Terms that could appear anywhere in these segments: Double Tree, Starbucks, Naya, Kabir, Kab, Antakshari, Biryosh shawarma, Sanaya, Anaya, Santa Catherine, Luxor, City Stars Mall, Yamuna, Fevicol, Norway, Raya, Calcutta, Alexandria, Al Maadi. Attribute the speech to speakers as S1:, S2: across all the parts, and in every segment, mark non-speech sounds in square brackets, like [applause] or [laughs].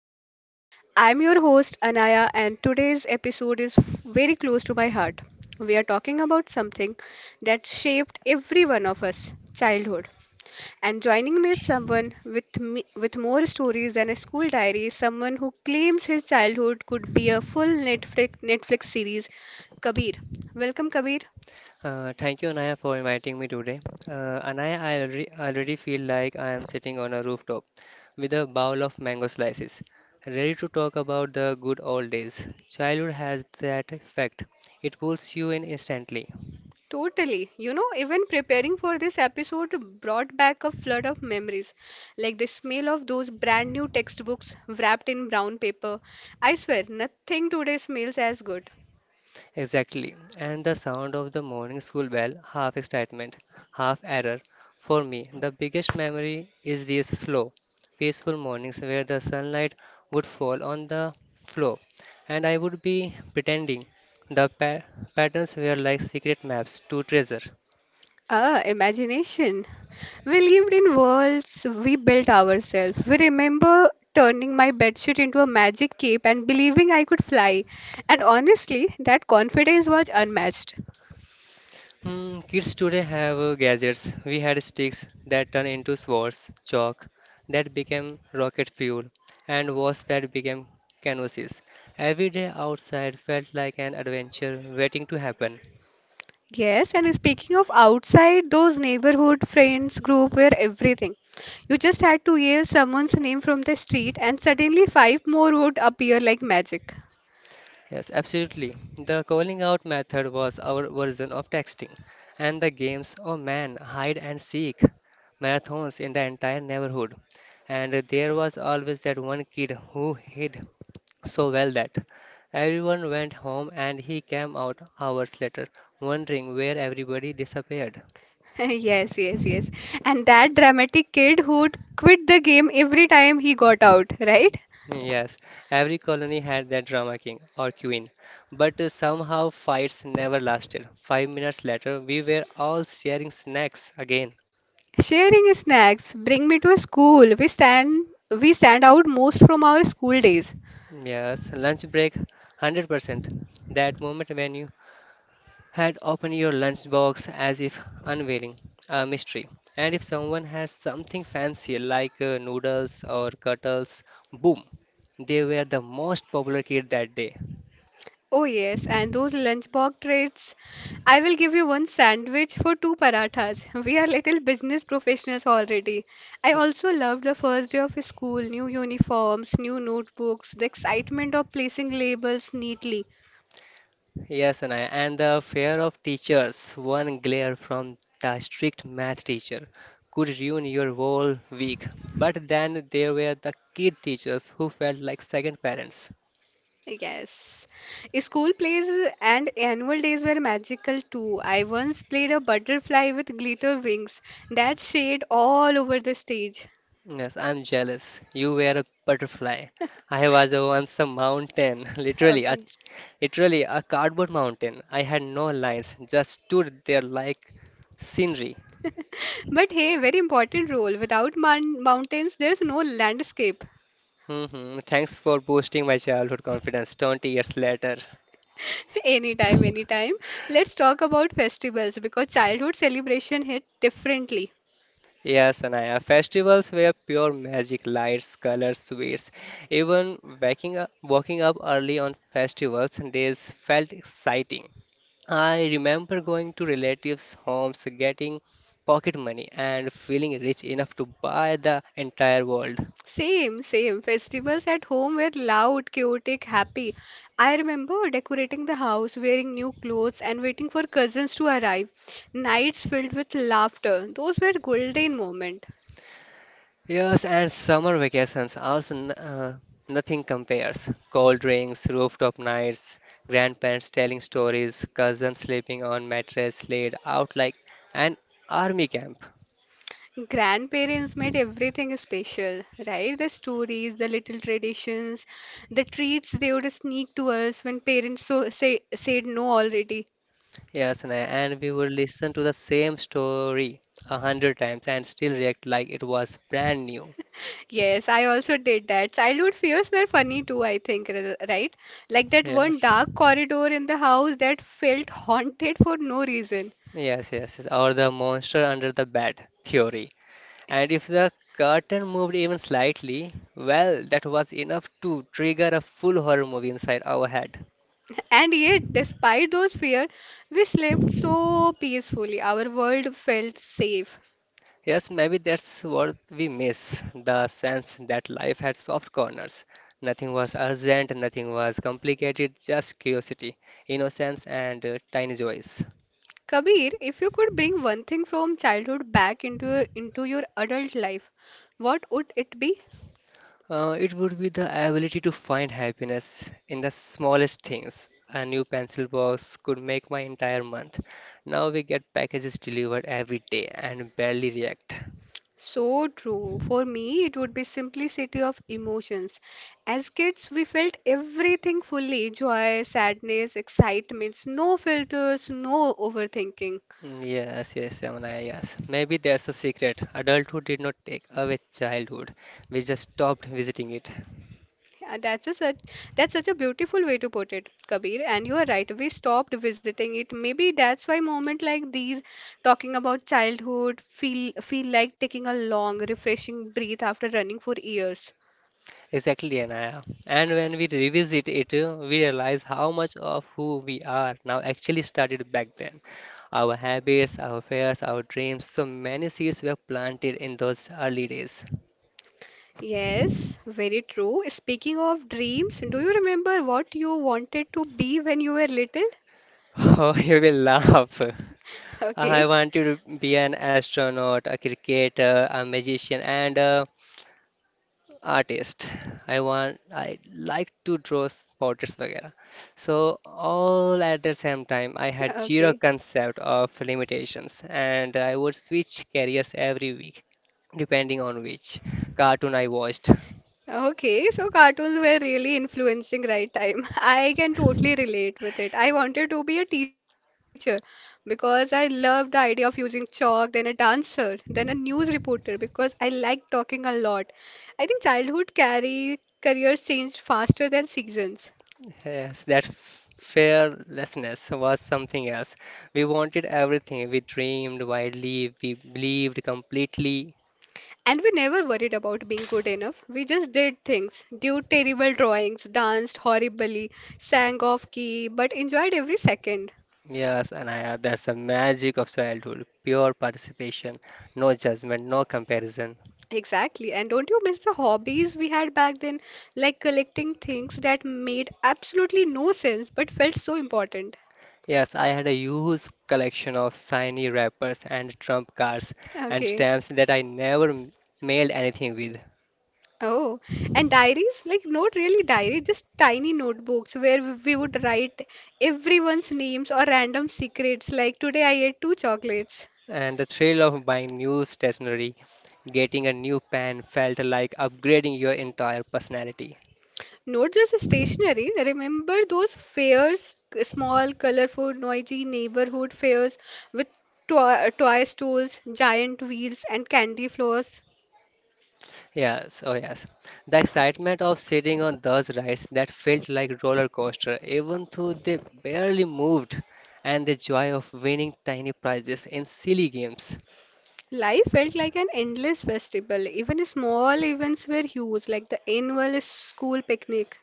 S1: times. I'm your host, Anaya, and today's episode is very close to my heart. We are talking about something that shaped every one of us childhood. And joining me is someone with me, with more stories than a school diary, someone who claims his childhood could be a full Netflix series, Kabir. Welcome, Kabir.
S2: Thank you, Anaya, for inviting me today. Anaya, I already feel like I am sitting on a rooftop with a bowl of mango slices, ready to talk about the good old days. Childhood has that effect, it pulls you in instantly.
S1: Totally. You know, even preparing for this episode brought back a flood of memories, like the smell of those brand new textbooks wrapped in brown paper. I swear, nothing today smells as good.
S2: Exactly. And the sound of the morning school bell, half excitement, half error. For me, the biggest memory is these slow, peaceful mornings where the sunlight would fall on the floor and I would be pretending the pa- patterns were like secret maps to treasure.
S1: Ah, imagination. We lived in worlds we built ourselves. We remember turning my bedsheet into a magic cape and believing I could fly. And honestly, that confidence was unmatched.
S2: Hmm, kids today have gadgets. We had sticks that turned into swords, chalk that became rocket fuel, and walls that became canvases. Every day outside felt like an adventure waiting to happen.
S1: Yes, and speaking of outside, those neighborhood friends group were everything. You just had to yell someone's name from the street, and suddenly five more would appear like magic. [laughs]
S2: Yes, absolutely. The calling out method was our version of texting, and the games, oh man, hide and seek, marathons in the entire neighborhood. And there was always that one kid who hid so well that everyone went home and he came out hours later, wondering where everybody disappeared.
S1: Yes, yes, yes. And that dramatic kid who'd quit the game every time he got out, right?
S2: Yes, every colony had their drama king or queen, but somehow fights never lasted. 5 minutes later, we were all sharing snacks again.
S1: Sharing snacks bring me to school. We stand out most from our school days.
S2: Yes, lunch break, 100%. That moment when you had opened your lunchbox as if unveiling a mystery. And if someone had something fancy like noodles or cuttles, boom, they were the most popular kid that day.
S1: Oh yes, and those lunchbox treats. I will give you one sandwich for two parathas. [laughs] We are little business professionals already. I also loved the first day of school, new uniforms, new notebooks, the excitement of placing labels neatly.
S2: Yes, and I and the fear of teachers, one glare from the strict math teacher could ruin your whole week. But then there were the kid teachers who felt like second parents.
S1: Yes. School plays and annual days were magical too. I once played a butterfly with glitter wings that shade all over the stage. [laughs]
S2: Yes, I'm jealous. You were a butterfly. I was once a mountain, [laughs] literally a
S1: Okay.
S2: literally a cardboard mountain. I had no lines, just stood there like scenery.
S1: But hey, very important role. Without mountains, there's no landscape.
S2: Hmm Thanks for boosting my childhood confidence 20 years later.
S1: [laughs] Anytime, anytime. Let's talk about festivals because childhood celebration hit differently.
S2: Yes, Anaya, festivals were pure magic, lights, colors, sweets. Even waking up early on festivals days felt exciting. I remember going to relatives' homes, getting pocket money, and feeling rich enough to buy the entire world.
S1: Same, same. Festivals at home were loud, chaotic, happy. I remember decorating the house, wearing new clothes, and waiting for cousins to arrive. Nights filled with laughter. Those were golden moments.
S2: Yes, and summer vacations also nothing compares. Cold drinks, rooftop nights, grandparents telling stories, cousins sleeping on mattress laid out like an army camp.
S1: Grandparents made everything special, right? The stories, the little traditions, the treats they would sneak to us when parents said no already.
S2: Yes, and we would listen to the same story 100 times and still react like it was brand new.
S1: Yes, I also did that. Childhood fears were funny too, I think, right? Like that one
S2: Yes.
S1: dark corridor in the house that felt haunted for no reason.
S2: Yes, yes, yes. Or the monster under the bed theory. And if the curtain moved even slightly, well, that was enough to trigger a full horror movie inside our head.
S1: [laughs] And yet, despite those fears, we slept so peacefully. Our world felt safe.
S2: Yes, maybe that's what we miss, the sense that life had soft corners. Nothing was urgent, nothing was complicated, just curiosity, innocence, and tiny joys.
S1: Kabir, if you could bring one thing from childhood back into into your adult life, what would it be?
S2: It would be the ability to find happiness in the smallest things. A new pencil box could make my entire month. Now we get packages delivered every day and barely react.
S1: So true. For me, it would be simplicity of emotions. As kids, we felt everything fully, joy, sadness, excitements, no filters, no overthinking.
S2: Yes, yes, Yamuna, yes. Maybe that's the secret. Adulthood did not take away childhood. We just stopped visiting it.
S1: Yeah, that's such a beautiful way to put it, Kabir. And you are right, we stopped visiting it. Maybe that's why moment like these, talking about childhood, feel like taking a long, refreshing breath after running for years.
S2: Exactly, Anaya. And when we revisit it, we realize how much of who we are now actually started back then. Our habits, our fears, our dreams, so many seeds were planted in those early days.
S1: Yes, very true. Speaking of dreams, do you remember what you wanted to be when you were little? [laughs]
S2: [laughs] Oh, you will laugh. I
S1: Okay,
S2: wanted to be an astronaut, a cricketer, a magician, and a artist. I like to draw portraits, वगैरह. So all at the same time, I had zero
S1: okay,
S2: concept of limitations, and I would switch careers every week, depending on which cartoon I watched.
S1: okay. So cartoons were really influencing right time. [laughs] I can totally relate with it. I wanted to be a teacher because I loved the idea of using chalk, then a dancer, then a news reporter because I like talking a lot. I think childhood carry careers change faster than seasons.
S2: Yes, that fearlessness was something else. We wanted everything. We dreamed wildly. We believed completely.
S1: And we never worried about being good enough. We just did things, did terrible drawings, danced horribly, sang off key, but enjoyed every second.
S2: Yes, that's the magic of childhood, pure participation, no judgment, no comparison.
S1: Exactly. And don't you miss the hobbies we had back then? Like collecting things that made absolutely no sense but felt so important.
S2: Yes, I had a huge collection of shiny wrappers and trump cards and
S1: Okay.
S2: stamps that I never mailed anything with.
S1: Oh, and diaries? Like, not really diary, just tiny notebooks where we would write everyone's names or random secrets. Like, today I ate two chocolates.
S2: And the thrill of buying new stationery, getting a new pen felt like upgrading your entire personality.
S1: Not just stationery. Remember those fairs, small, colorful, noisy neighborhood fairs with toy stores, giant wheels, and candy floors.
S2: Yes, oh yes. The excitement of sitting on those rides that felt like roller coaster, even though they barely moved, and the joy of winning tiny prizes in silly games.
S1: Life felt like an endless festival. Even small events were huge, like the annual school picnic.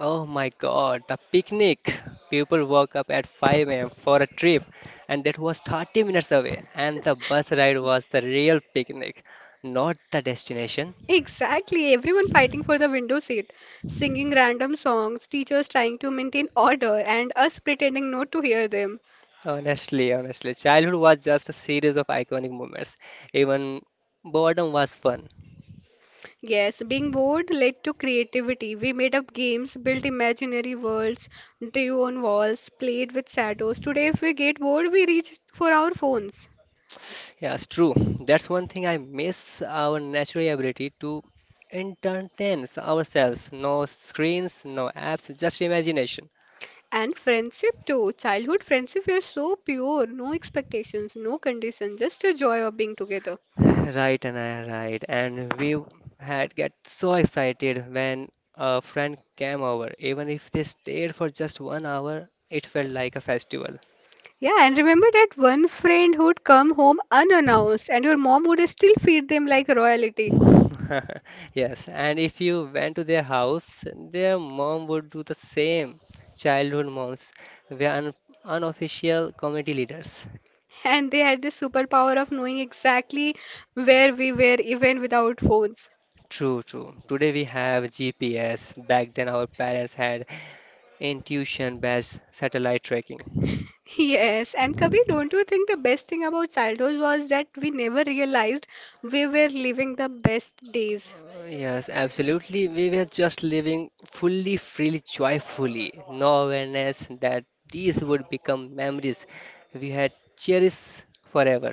S2: Oh my God, the picnic. People woke up at 5 a.m. for a trip, and that was 30 minutes away. And the bus ride was the real picnic, not the destination.
S1: Exactly, everyone fighting for the window seat, singing random songs, teachers trying to maintain order, and us pretending not to hear them.
S2: Honestly, childhood was just a series of iconic moments. Even boredom was fun.
S1: Yes, being bored led to creativity. We made up games, built imaginary worlds, drew on walls, played with shadows. Today, if we get bored, we reach for our phones.
S2: Yeah, it's true. That's one thing I miss our natural ability to entertain ourselves. No screens, no apps, just imagination.
S1: And friendship too. Childhood friendship were so pure, no expectations, no conditions, just a joy of being together.
S2: Right, Anaya, right. And we had get so excited when a friend came over. Even if they stayed for just 1 hour, it felt like a festival.
S1: Yeah, and remember that one friend who'd come home unannounced, and your mom would still feed them like royalty.
S2: [laughs] Yes, and if you went to their house, their mom would do the same. Childhood moms were un unofficial community leaders.
S1: And they had the superpower of knowing exactly where we were, even without phones.
S2: True, true. Today we have GPS. Back then our parents had intuition-based satellite tracking.
S1: Yes, and Kabir, don't you think the best thing about childhood was that we never realized we were living the best days?
S2: Yes, absolutely. We were just living fully, freely, joyfully. No awareness that these would become memories we had cherished forever.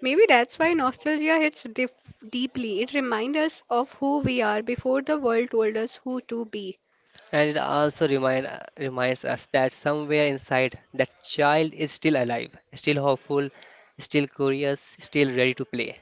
S1: Maybe that's why nostalgia hits deeply. It reminds us of who we are before the world told us who to be.
S2: And it also reminds us that somewhere inside, that child is still alive, still hopeful, still curious, still ready to play.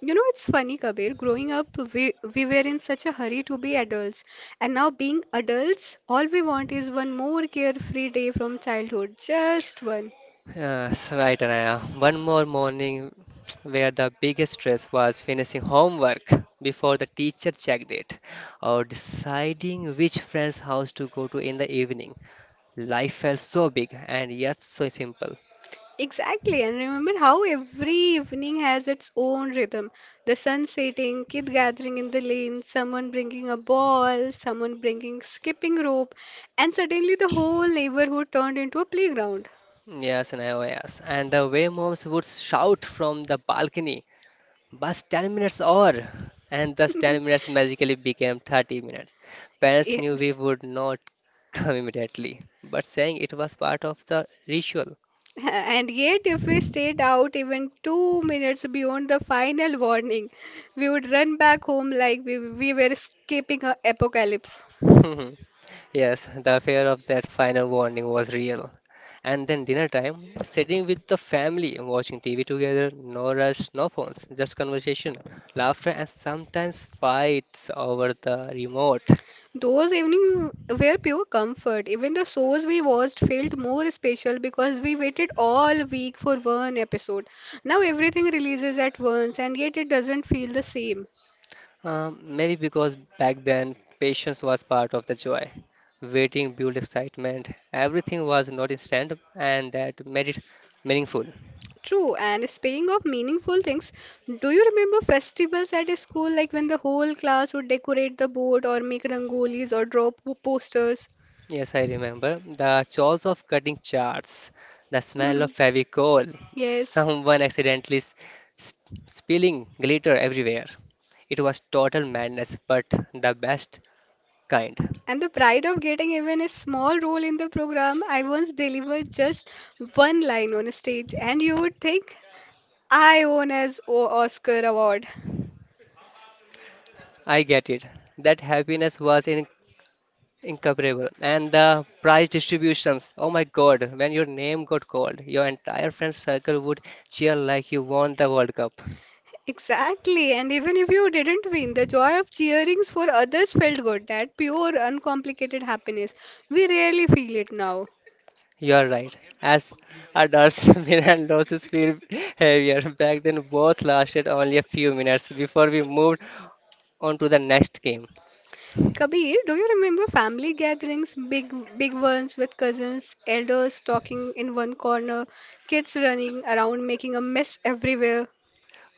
S1: You know, it's funny, Kabir. Growing up, we were in such a hurry to be adults. And now, being adults, all we want is one more carefree day from childhood. Just one.
S2: Yes, right, Anaya. One more morning [tsk] where the biggest stress was finishing homework before the teacher checked it or deciding which friend's house to go to in the evening. Life felt so big and yet so simple.
S1: Exactly, and remember how every evening has its own rhythm. The sun setting, kid gathering in the lane, someone bringing a ball, someone bringing skipping rope, and suddenly the whole neighborhood turned into a playground.
S2: Yes, Anaya, oh yes. And the way moms would shout from the balcony, bus 10 minutes or and thus 10 minutes
S1: [laughs]
S2: magically became 30 minutes. Parents knew we
S1: Yes.
S2: would not come immediately, but saying it was part of the ritual.
S1: [laughs] And yet, if we stayed out even two minutes beyond the final warning, we would run back home like we were escaping an apocalypse.
S2: [laughs] Yes, the fear of that final warning was real. And then dinner time, sitting with the family, watching TV together, no rush, no phones, just conversation, laughter, and sometimes fights over the remote.
S1: Those evenings were pure comfort. Even the shows we watched felt more special because we waited all week for one episode. Now everything releases at once and yet it doesn't feel the same.
S2: Maybe because back then, patience was part of the joy. Waiting built excitement. Everything was not instant, and that made it meaningful.
S1: True, and speaking of meaningful things, do you remember festivals at a school like when the whole class would decorate the board or make rangolis or draw posters?
S2: Yes, I remember. The chores of cutting charts, the smell of
S1: [laughs]
S2: Fevicol,
S1: Yes.
S2: someone accidentally spilling glitter everywhere. It was total madness, but the best kind.
S1: And the pride of getting even a small role in the program, I once delivered just one line on stage, and you would think I won as O Oscar award.
S2: I get it. That happiness was incomparable. And the prize distributions. Oh my God, when your name got called, your entire friend circle would cheer like you won the World Cup.
S1: Exactly, and even if you didn't win, the joy of cheerings for others felt good. That pure, uncomplicated happiness. We rarely feel it now.
S2: You're right. As adults, [laughs] Milan losses feel heavier. Back then, both lasted only a few minutes before we moved on to the next game.
S1: Kabir, do you remember family gatherings, big ones with cousins, elders talking in one corner, kids running around making a mess everywhere?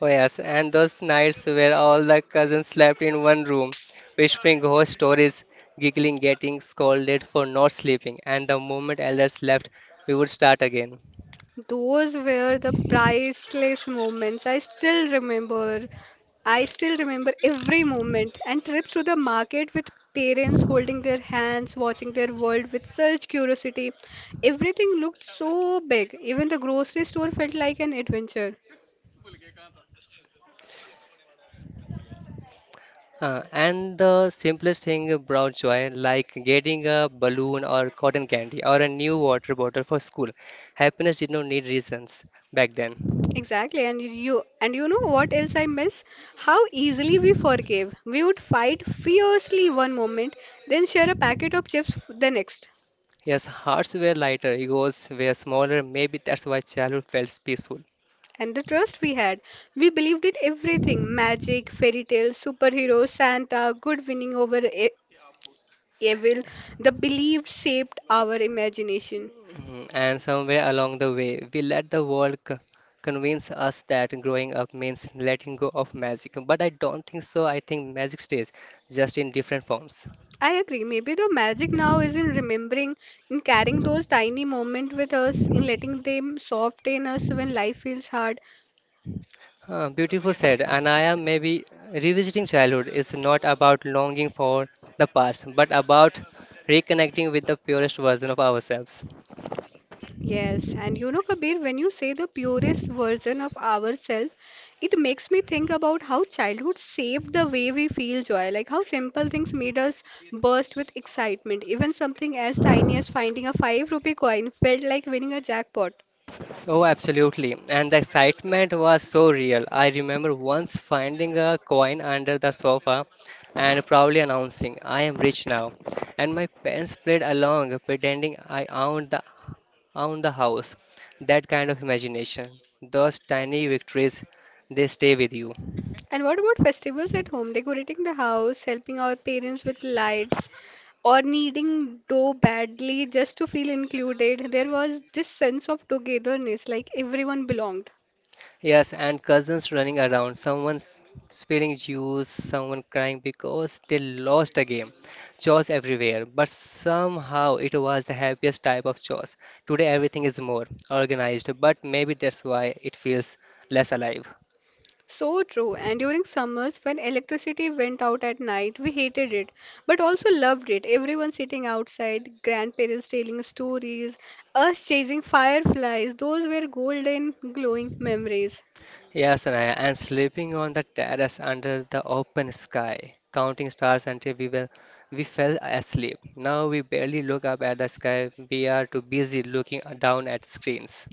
S2: Oh, yes, and those nights where all the cousins slept in one room, whispering ghost stories, giggling, getting scolded for not sleeping, and the moment elders left, we would start again.
S1: Those were the priceless moments. I still remember. I still remember every moment and trips to the market with parents holding their hands, watching their world with such curiosity. Everything looked so big. Even the grocery store felt like an adventure.
S2: And the simplest thing brought joy, like getting a balloon or cotton candy or a new water bottle for school. Happiness did not need reasons back then.
S1: Exactly, and you know what else I miss? How easily we forgave. We would fight fiercely one moment, then share a packet of chips the next.
S2: Yes, hearts were lighter, egos were smaller. Maybe that's why childhood felt peaceful.
S1: And the trust we had. We believed in everything magic, fairy tales, superheroes, Santa, good winning over evil. The belief shaped our imagination.
S2: Mhm. And somewhere along the way, we let the world convince us that growing up means letting go of magic. But I don't think so. I think magic stays, just in different forms.
S1: I agree. Maybe the magic now is in remembering, in carrying those tiny moments with us, in letting them soften us when life feels hard.
S2: Beautiful said, and I am maybe revisiting childhood is not about longing for the past, but about reconnecting with the purest version of ourselves.
S1: Yes, and you know, Kabir, when you say the purest version of ourselves, it makes me think about how childhood saved the way we feel joy, like how simple things made us burst with excitement. Even something as tiny as finding a 5 rupee coin felt like winning a jackpot.
S2: Oh, absolutely. And the excitement was so real. I remember once finding a coin under the sofa and proudly announcing, I am rich now. And my parents played along, pretending owned the house. That kind of imagination. Those tiny victories, they stay with you.
S1: And what about festivals at home, decorating the house, helping our parents with lights, or needing dough badly just to feel included? There was this sense of togetherness, like everyone belonged.
S2: Yes, and cousins running around, someone spilling juice, someone crying because they lost a game. Chores everywhere, but somehow it was the happiest type of chores. Today everything is more organized, but maybe that's why it feels less alive.
S1: So true. And during summers, when electricity went out at night, we hated it, but also loved it. Everyone sitting outside, grandparents telling stories, us chasing fireflies. Those were golden, glowing memories.
S2: Yes, Anaya, and sleeping on the terrace under the open sky, counting stars until we were we fell asleep. Now we barely look up at the sky. We are too busy looking down at screens.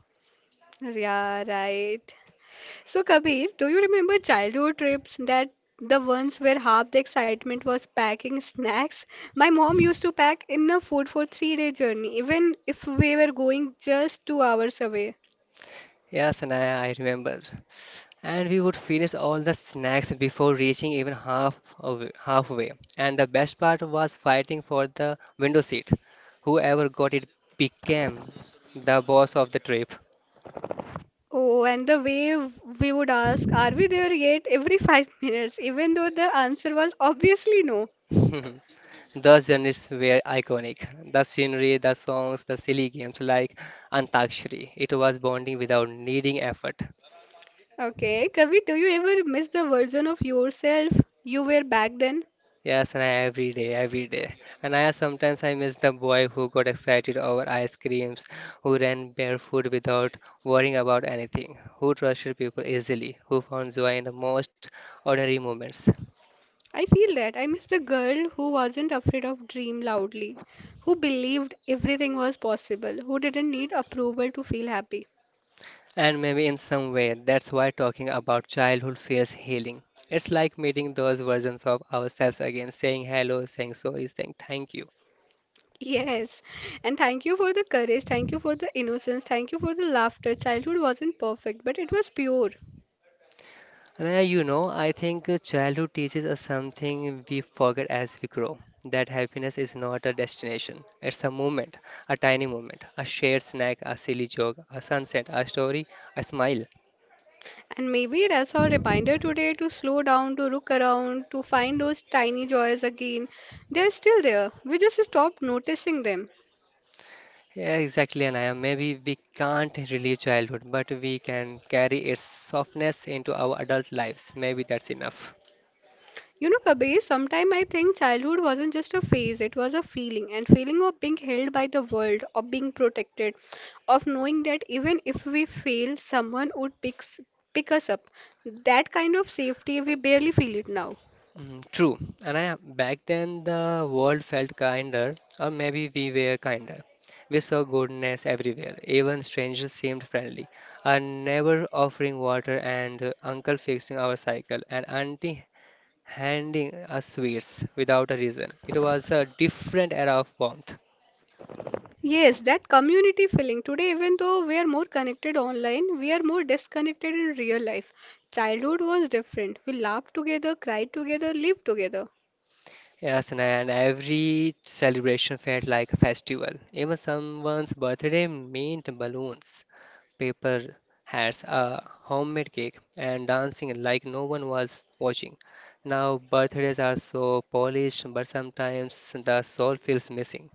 S1: Yeah, right. So, Kabir, do you remember childhood trips that the ones where half the excitement was packing snacks? My mom used to pack enough food for three-day journey, even if we were going just two hours away.
S2: Yeah, Sanaya, I remember. And we would finish all the snacks before reaching even halfway. And the best part was fighting for the window seat. Whoever got it became the boss of the trip. [laughs]
S1: Oh, and the way we would ask, are we there yet? Every five [laughs] minutes, even though the answer was obviously no.
S2: Those journeys were iconic. The scenery, the songs, the silly games like Antakshari. It was bonding without needing effort.
S1: Okay, Kavi, do you ever miss the version of yourself you were back then?
S2: Yes, and I every day, every day. And I sometimes I miss the boy who got excited over ice creams, who ran barefoot without worrying about anything, who trusted people easily, who found joy in the most ordinary moments.
S1: I feel that. I miss the girl who wasn't afraid of dream loudly, who believed everything was possible, who didn't need approval to feel happy. [laughs]
S2: And maybe in some way, that's why talking about childhood feels healing. It's like meeting those versions of ourselves again, saying hello, saying sorry, saying thank you.
S1: Yes, and thank you for the courage, thank you for the innocence, thank you for the laughter. Childhood wasn't perfect, but it was pure.
S2: Raya, you know, I think childhood teaches us something we forget as we grow, that happiness is not a destination. It's a moment, a tiny moment, a shared snack, a silly joke, a sunset, a story, a smile.
S1: And maybe that's our reminder today to slow down, to look around, to find those tiny joys again. They're still there. We just stopped noticing them.
S2: Yeah, exactly, Anaya. Maybe we can't relive childhood, but we can carry its softness into our adult lives. Maybe that's enough.
S1: You know, Kabir, sometimes I think childhood wasn't just a phase, it was a feeling, and feeling of being held by the world, of being protected, of knowing that even if we fail, pick us up. That kind of safety, we barely feel it now.
S2: Mm, true. And I, back then, the world felt kinder, or maybe we were kinder. We saw goodness everywhere. Even strangers seemed friendly. A neighbor offering water, and uncle fixing our cycle, and auntie handing us sweets without a reason. It was a different era of warmth.
S1: Yes, that community feeling. Today, even though we are more connected online, we are more disconnected in real life. Childhood was different. We laughed together, cried together, lived together.
S2: Yes, Naya, and every celebration felt like a festival. Even someone's birthday meant balloons, paper hats, a homemade cake, and dancing like no one was watching. Now, birthdays are so polished, but sometimes the soul feels missing.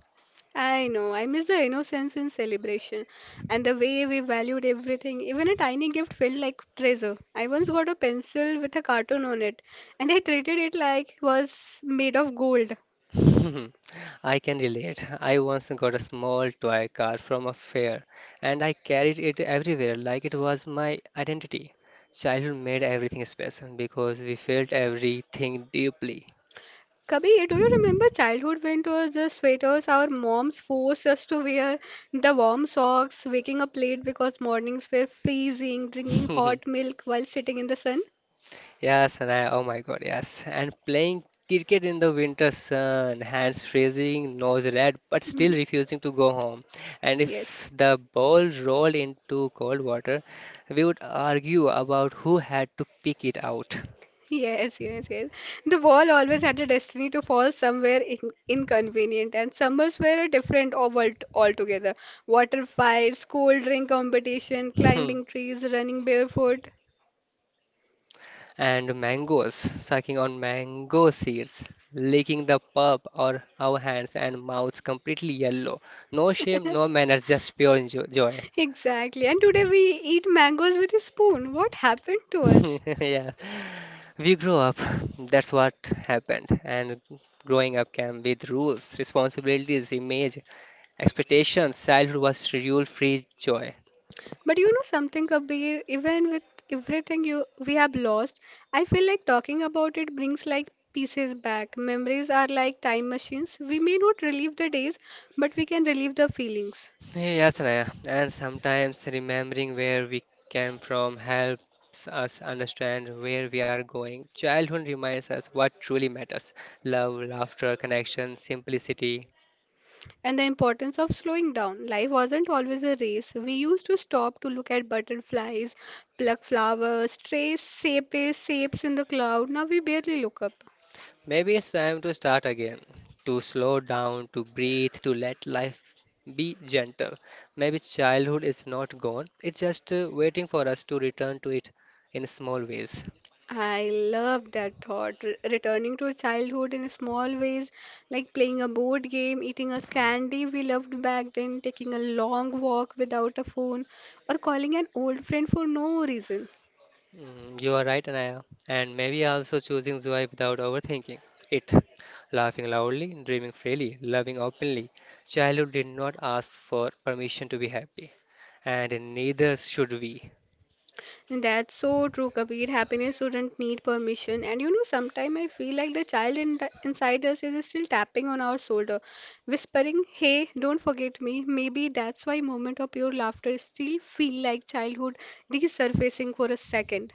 S1: I know, I miss the innocence in celebration and the way we valued everything. Even a tiny gift felt like treasure. I once got a pencil with a cartoon on it and I treated it like it was made of gold.
S2: [laughs] I can relate. I once got a small toy car from a fair, and I carried it everywhere like it was my identity. Childhood made everything special because we felt everything deeply.
S1: Kabir, do you remember childhood winters, the sweaters our moms forced us to wear, the warm socks, waking up late because mornings were freezing, drinking hot
S2: [laughs]
S1: milk while sitting in the sun?
S2: Yes, and I, oh my God, yes. And playing cricket in the winter sun, hands freezing, nose red, but
S1: [laughs]
S2: still
S1: Mhm.
S2: refusing to go home. And
S1: Yes,
S2: if the ball rolled into cold water, we would argue about who had to pick it out.
S1: yes, yes, yes. The wall always had a destiny to fall somewhere inconvenient, and summers were a different world altogether. Water fights, cold drink competition,
S2: Hmm.
S1: climbing trees, running barefoot.
S2: And mangoes, sucking on mango seeds, licking the pulp or our hands and mouths completely yellow. No shame, no
S1: [laughs]
S2: manners, just pure joy.
S1: Exactly. And today we eat mangoes with a spoon. What happened to us?
S2: [laughs] Yeah. We grow up, that's what happened, and growing up came with rules, responsibilities, image, expectations. Childhood was schedule free joy.
S1: But you know something, Kabir, even with everything you we have lost, I feel like talking about it brings like pieces back. Memories are like time machines. We may not relive the days, but we can relive the feelings.
S2: Yes, Naya, and sometimes remembering where we came from helps us understand where we are going. Childhood reminds us what truly matters: love, laughter, connection, simplicity.
S1: And the importance of slowing down. Life wasn't always a race. We used to stop to look at butterflies, pluck flowers, trace shapes, shapes in the cloud. Now we barely look up.
S2: Maybe it's time to start again, to slow down, to breathe, to let life be gentle. Maybe childhood is not gone, it's just waiting for us to return to it in small ways.
S1: I love that thought. Returning to childhood in small ways, like playing a board game, eating a candy we loved back then, taking a long walk without a phone, or calling an old friend for no reason.
S2: Mm, you are right, Anaya. And maybe also choosing joy without overthinking it. Laughing loudly, dreaming freely, loving openly. Childhood did not ask for permission to be happy, and neither should we.
S1: And that's so true, Kabir. Happiness wouldn't need permission. And you know, sometimes I feel like the child in inside us is still tapping on our shoulder, whispering, "Hey, don't forget me." Maybe that's why moment of pure laughter still feel like childhood resurfacing for a second.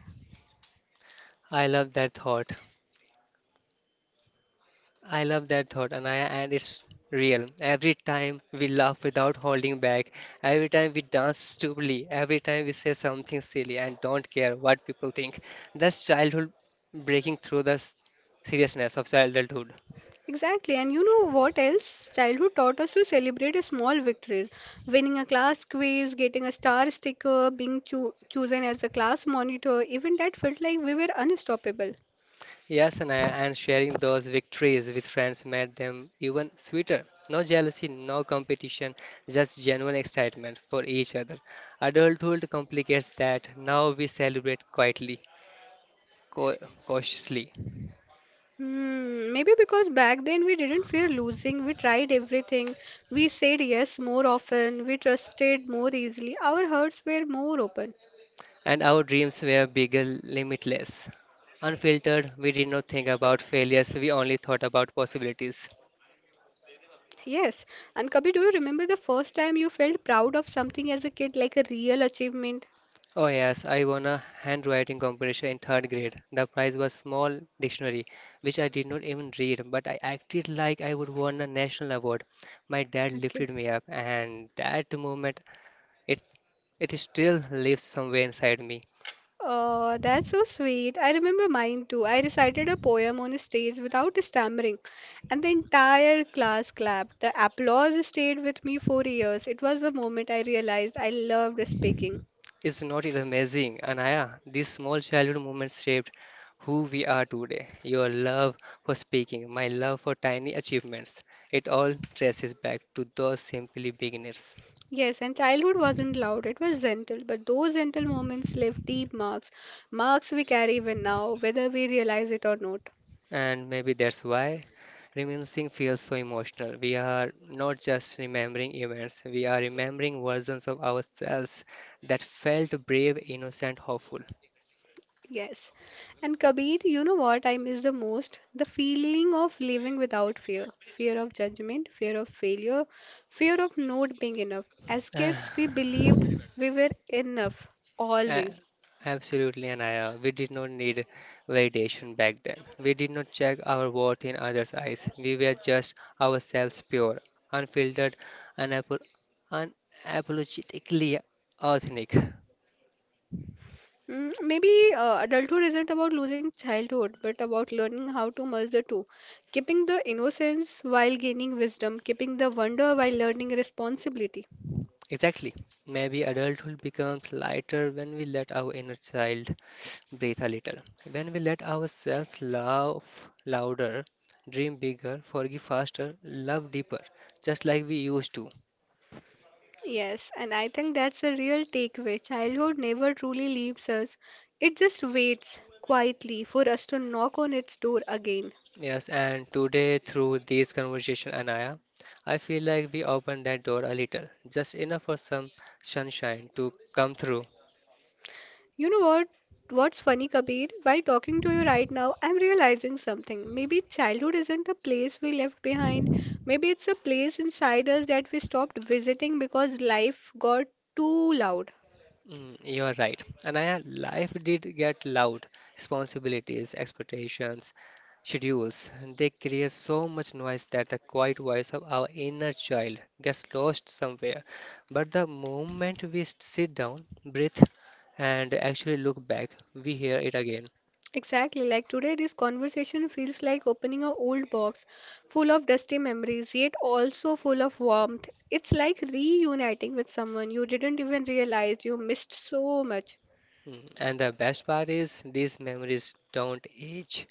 S2: I love that thought. I love that thought, Anaya, and it's real. Every time we laugh without holding back, every time we dance stupidly, every time we say something silly and don't care what people think, that's childhood breaking through the seriousness of childhood.
S1: Exactly, and you know what else? Childhood taught us to celebrate a small victories. Winning a class quiz, getting a star sticker, being chosen as a class monitor, even that felt like we were unstoppable.
S2: Yes, Anaya, and sharing those victories with friends made them even sweeter. No jealousy, no competition, just genuine excitement for each other. Adulthood complicates that. Now we celebrate quietly, co- cautiously,
S1: Hmm, maybe because back then we didn't fear losing, we tried everything, we said yes more often, we trusted more easily, our hearts were more open.
S2: and our dreams were bigger, limitless. Unfiltered, we did not think about failures, we only thought about possibilities.
S1: Yes, and Kabir, do you remember the first time you felt proud of something as a kid, like a real achievement?
S2: Oh, yes, I won a handwriting competition in third grade. The prize was small dictionary, which I did not even read, but I acted like I would won a national award. My dad
S1: Okay.
S2: lifted me up, and that moment, it, it still lives somewhere inside me.
S1: Oh, that's so sweet. I remember mine too. I recited a poem on a stage without stammering, and the entire class clapped. The applause stayed with me for years. It was the moment I realized I loved speaking.
S2: Is not it amazing, Anaya? These small childhood moments shaped who we are today. Your love for speaking, my love for tiny achievements. It all traces back to those simply beginners.
S1: Yes, and childhood wasn't loud, it was gentle, but those gentle moments left deep marks, marks we carry even now, whether we realize it or not.
S2: And maybe that's why reminiscing feels so emotional. We are not just remembering events, we are remembering versions of ourselves that felt brave, innocent, hopeful.
S1: Yes. And Kabir, you know what I miss the most? The feeling of living without fear. Fear of judgment, fear of failure, fear of not being enough. As kids,
S2: [sighs]
S1: we believed we were enough,
S2: A-
S1: always.
S2: Absolutely, Anaya. We did not need validation back then. We did not check our worth in others' eyes. We were just ourselves pure, unfiltered, unapo- unapologetically authentic.
S1: Mm, maybe adulthood isn't about losing childhood, but about learning how to merge the two. Keeping the innocence while gaining wisdom, keeping the wonder while learning responsibility.
S2: Exactly. Maybe adulthood becomes lighter when we let our inner child breathe a little. When we let ourselves laugh louder, dream bigger, forgive faster, love deeper, just like we used to.
S1: Yes, and I think that's a real takeaway. Childhood never truly leaves us, it just waits quietly for us to knock on its door again.
S2: Yes, and today through these conversation, Anaya, I feel like we opened that door a little, just enough for some sunshine to come through.
S1: You know what? What's funny, Kabir? While talking to you right now, I'm realizing something. Maybe childhood isn't a place we left behind. Maybe it's a place inside us that we stopped visiting because life got too loud.
S2: Mm, you're right. Anaya, life did get loud. Responsibilities, expectations, schedules, they create so much noise that the quiet voice of our inner child gets lost somewhere. But the moment we sit down, breathe, and actually look back, we hear it again.
S1: Exactly, like today, this conversation feels like opening an old box full of dusty memories, yet also full of warmth. It's like reuniting with someone you didn't even realize you missed so much.
S2: Mm, and the best part is, these memories don't age.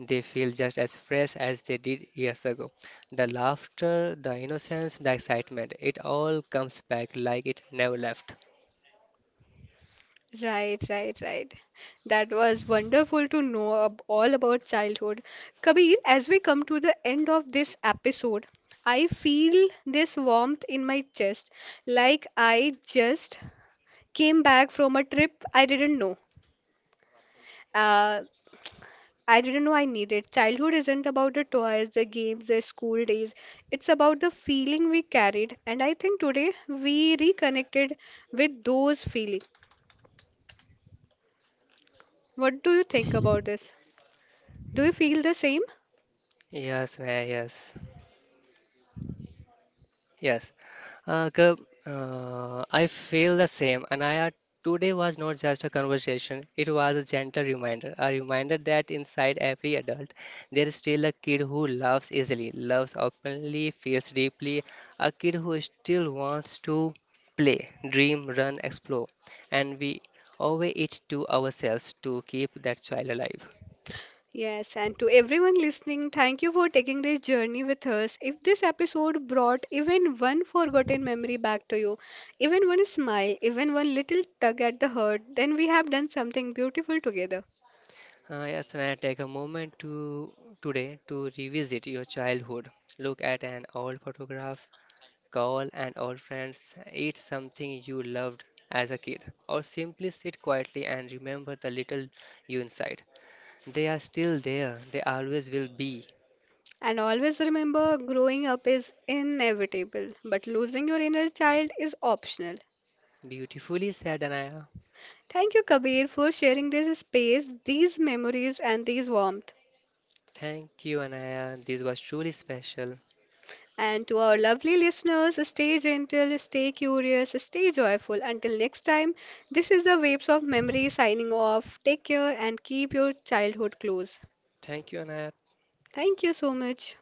S2: They feel just as fresh as they did years ago. The laughter, the innocence, the excitement, it all comes back like it never left.
S1: Right, right, right. That was wonderful to know all about childhood. Kabir, as we come to the end of this episode, I feel this warmth in my chest, like I just came back from a trip I didn't know. Uh, I didn't know I needed. Childhood isn't about the toys, the games, the school days. It's about the feeling we carried. And I think today we reconnected with those feelings. What do you think about this? Do you feel the same?
S2: Yes, Raya, yes. Yes, Kab, I feel the same. Anaya, today was not just a conversation, it was a gentle reminder, a reminder that inside every adult, there is still a kid who loves easily, loves openly, feels deeply, a kid who still wants to play, dream, run, explore. And we owe it to ourselves to keep that child alive.
S1: Yes, and to everyone listening, thank you for taking this journey with us. If this episode brought even one forgotten memory back to you, even one smile, even one little tug at the heart, then we have done something beautiful together.
S2: Yes, and I take a moment to today to revisit your childhood. Look at an old photograph, call an old friend, eat something you loved as a kid, or simply sit quietly and remember the little you inside. They are still there. They always will be.
S1: And always remember, growing up is inevitable, but losing your inner child is optional.
S2: Beautifully said, Anaya.
S1: Thank you, Kabir, for sharing this space, these memories, and these warmth.
S2: Thank you, Anaya. This was truly special.
S1: And to our lovely listeners, stay gentle, stay curious, stay joyful. Until next time, this is the Waves of Memory signing off. Take care and keep your childhood close.
S2: Thank you, Anaya.
S1: Thank you so much.